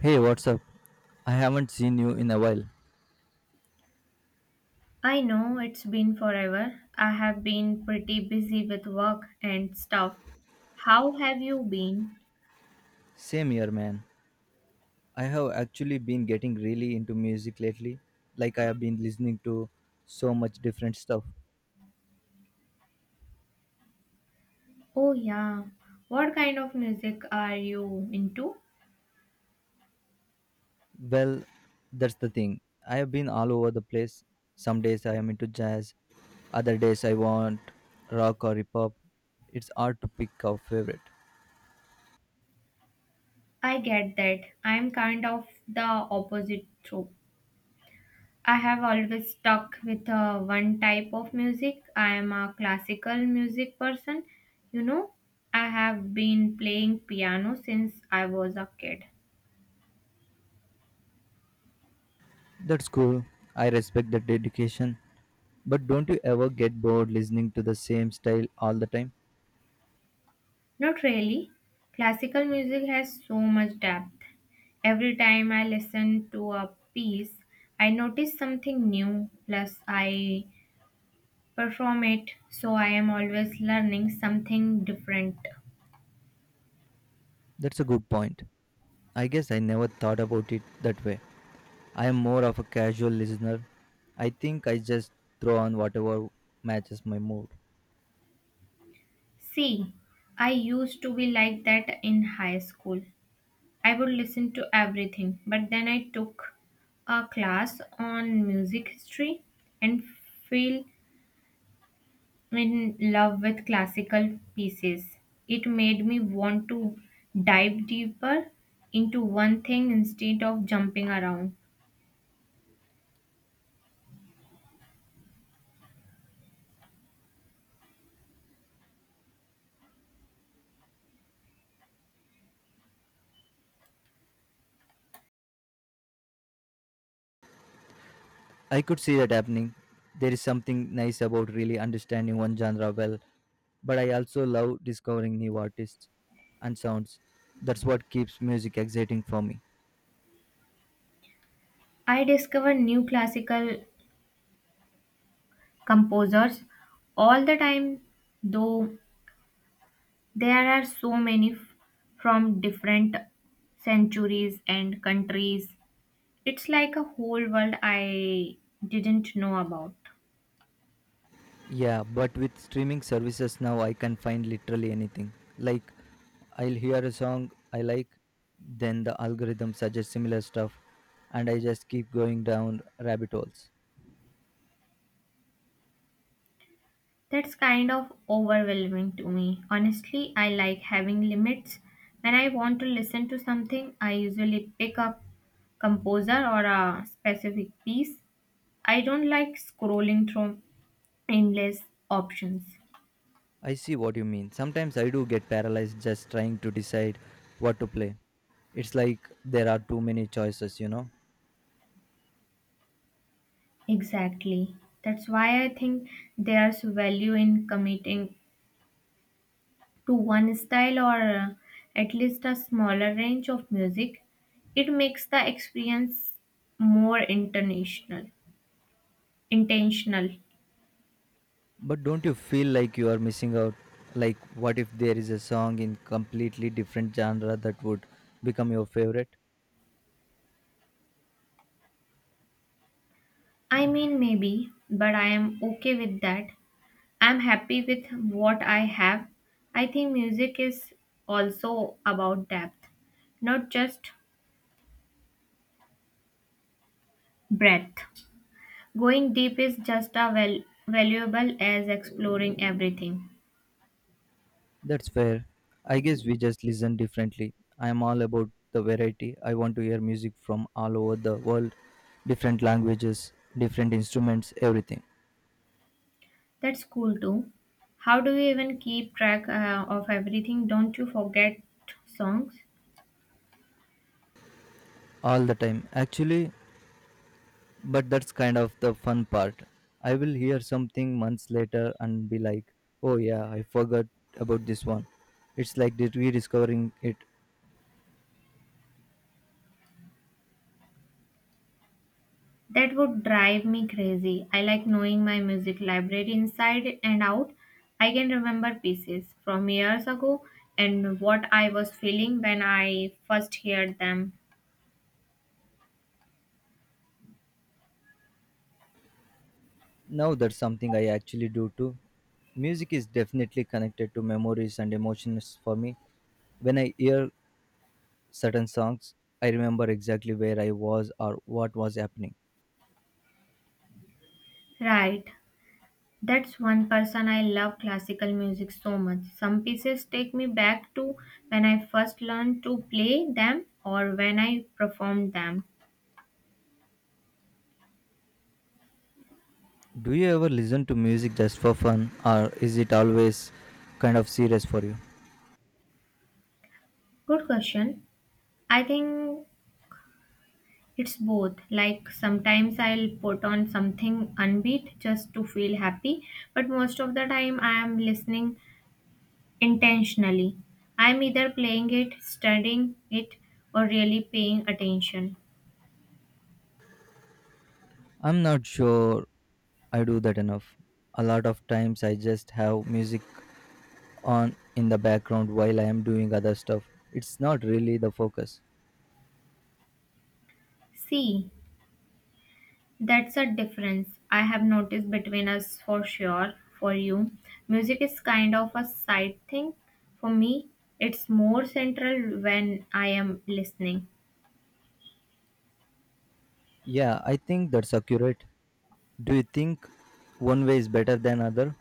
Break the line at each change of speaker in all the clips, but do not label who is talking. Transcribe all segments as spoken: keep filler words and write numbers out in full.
Hey, what's up? I haven't seen you in a while.
I know it's been forever. I have been pretty busy with work and stuff. How have you been?
Same here, man. I have actually been getting really into music lately. Like, I have been listening to so much different stuff.
Oh, yeah. What kind of music are you into?
Well, that's the thing. I have been all over the place. Some days I am into jazz, other days I want rock or hip hop. It's hard to pick our favorite.
I get that. I'm kind of the opposite trope. I have always stuck with uh, one type of music. I am a classical music person. You know, I have been playing piano since I was a kid.
That's cool. I respect the dedication. But don't you ever get bored listening to the same style all the time?
Not really. Classical music has so much depth. Every time I listen to a piece, I notice something new, plus, I perform it, so I am always learning something different.
That's a good point. I guess I never thought about it that way. I am more of a casual listener. I think I just throw on whatever matches my mood.
See, I used to be like that in high school. I would listen to everything, but then I took a class on music history and feel in love with classical pieces. It made me want to dive deeper into one thing instead of jumping around.
I could see that happening. There is something nice about really understanding one genre well, but I also love discovering new artists and sounds. That's what keeps music exciting for me.
I discover new classical composers all the time, though there are so many f- from different centuries and countries. It's like a whole world I didn't know about.
Yeah, but with streaming services now, I can find literally anything. Like, I'll hear a song I like, then the algorithm suggests similar stuff, and I just keep going down rabbit holes.
That's kind of overwhelming to me. Honestly, I like having limits. When I want to listen to something, I usually pick up composer or a specific piece. I don't like scrolling through endless options.
I see what you mean. Sometimes I do get paralyzed just trying to decide what to play. It's like there are too many choices, you know?
Exactly. That's why I think there's value in committing to one style or uh, at least a smaller range of music. It makes the experience more international, intentional.
But don't you feel like you are missing out? Like, what if there is a song in completely different genre that would become your favorite?
I mean, maybe, but I am okay with that. I'm happy with what I have. I think music is also about depth, not just breadth. Going deep is just as val- valuable as exploring everything.
That's fair. I guess we just listen differently. I am all about the variety. I want to hear music from all over the world, different languages, different instruments, everything.
That's cool too. How do you even keep track uh, of everything? Don't you forget songs?
All the time, actually. But that's kind of the fun part. I will hear something months later and be like, oh yeah, I forgot about this one. It's like dis- rediscovering it.
That would drive me crazy. I like knowing my music library inside and out. I can remember pieces from years ago and what I was feeling when I first heard them.
Now that's something I actually do too. Music is definitely connected to memories and emotions for me. When I hear certain songs, I remember exactly where I was or what was happening.
Right. That's one person I love classical music so much. Some pieces take me back to when I first learned to play them or when I performed them.
Do you ever listen to music just for fun, or is it always kind of serious for you?
Good question. I think it's both. Like sometimes I'll put on something unbeat just to feel happy, but most of the time I am listening intentionally. I'm either playing it, studying it, or really paying attention.
I'm not sure I do that enough. A lot of times I just have music on in the background while I am doing other stuff. It's not really the focus.
See, that's a difference I have noticed between us for sure. For you, music is kind of a side thing. For me, it's more central when I am listening.
Yeah, I think that's accurate. Do you think one way is better than other?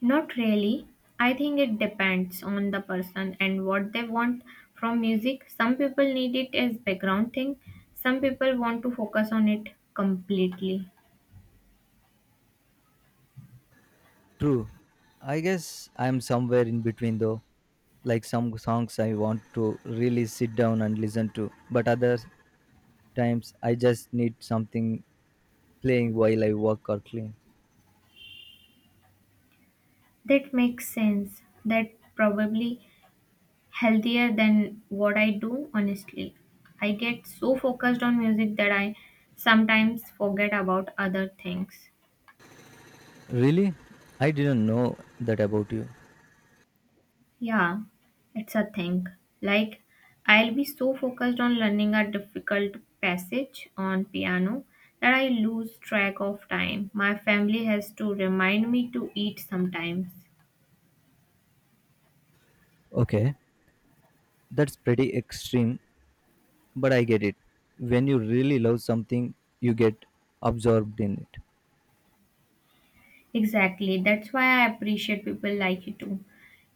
Not really. I think it depends on the person and what they want from music. Some people need it as background thing. Some people want to focus on it completely.
True. I guess I'm somewhere in between though. Like some songs I want to really sit down and listen to, but other times I just need something playing while I work or clean.
That makes sense. That probably healthier than what I do honestly. I get so focused on music that I sometimes forget about other things.
Really? I didn't know that about you.
Yeah, it's a thing. Like, I'll be so focused on learning a difficult passage on piano that I lose track of time. My family has to remind me to eat sometimes.
Okay, that's pretty extreme, but I get it. When you really love something, you get absorbed in it.
Exactly, that's why I appreciate people like you too.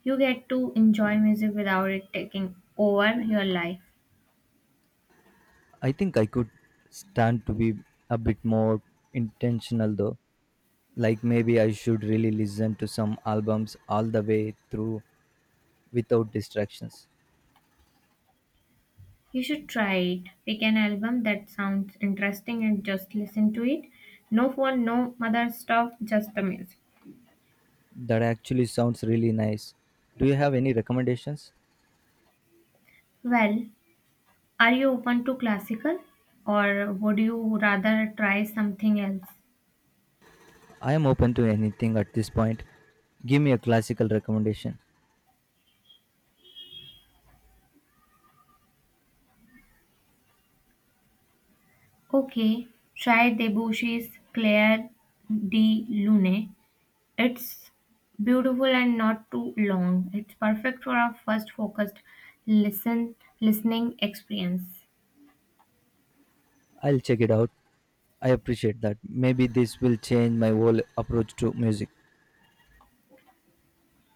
You get to enjoy music without it taking over your life.
I think I could stand to be a bit more intentional though. Like maybe I should really listen to some albums all the way through without distractions.
You should try it. Pick an album that sounds interesting and just listen to it. No phone, no mother stuff, just the music.
That actually sounds really nice. Do you have any recommendations?
Well, are you open to classical or would you rather try something else?
I am open to anything at this point. Give me a classical recommendation.
Okay, try Debussy's Claire de Lune. It's beautiful and not too long. It's perfect for our first focused listen listening experience.
I'll check it out. I appreciate that. Maybe this will change my whole approach to music.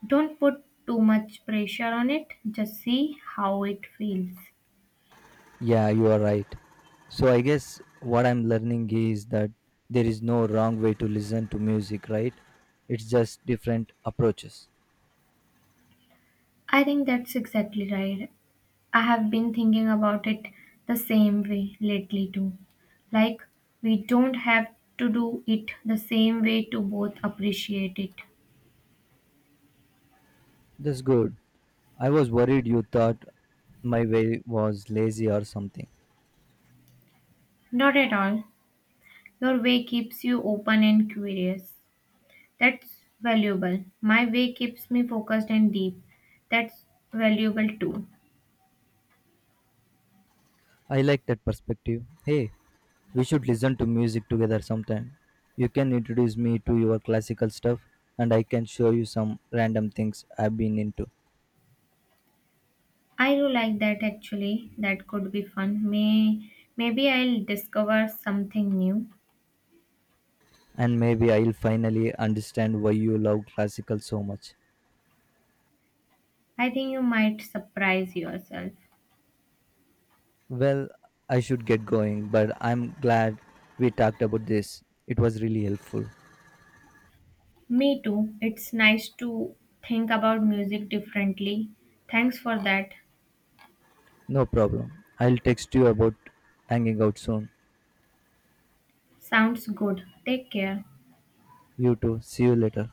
Don't put too much pressure on it, just see how it feels.
Yeah, you are right. So I guess what I'm learning is that there is no wrong way to listen to music, right? It's just different approaches.
I think that's exactly right. I have been thinking about it the same way lately too. Like, we don't have to do it the same way to both appreciate it.
That's good. I was worried you thought my way was lazy or something.
Not at all. Your way keeps you open and curious. That's valuable. My way keeps me focused and deep. That's valuable too.
I like that perspective. Hey, we should listen to music together sometime. You can introduce me to your classical stuff, and I can show you some random things I've been into.
I do like that actually. That could be fun. May maybe I'll discover something new.
And maybe I'll finally understand why you love classical so much.
I think you might surprise yourself.
Well, I should get going, but I'm glad we talked about this. It was really helpful.
Me too. It's nice to think about music differently. Thanks for that.
No problem. I'll text you about hanging out soon.
Sounds good. Take care.
You too. See you later.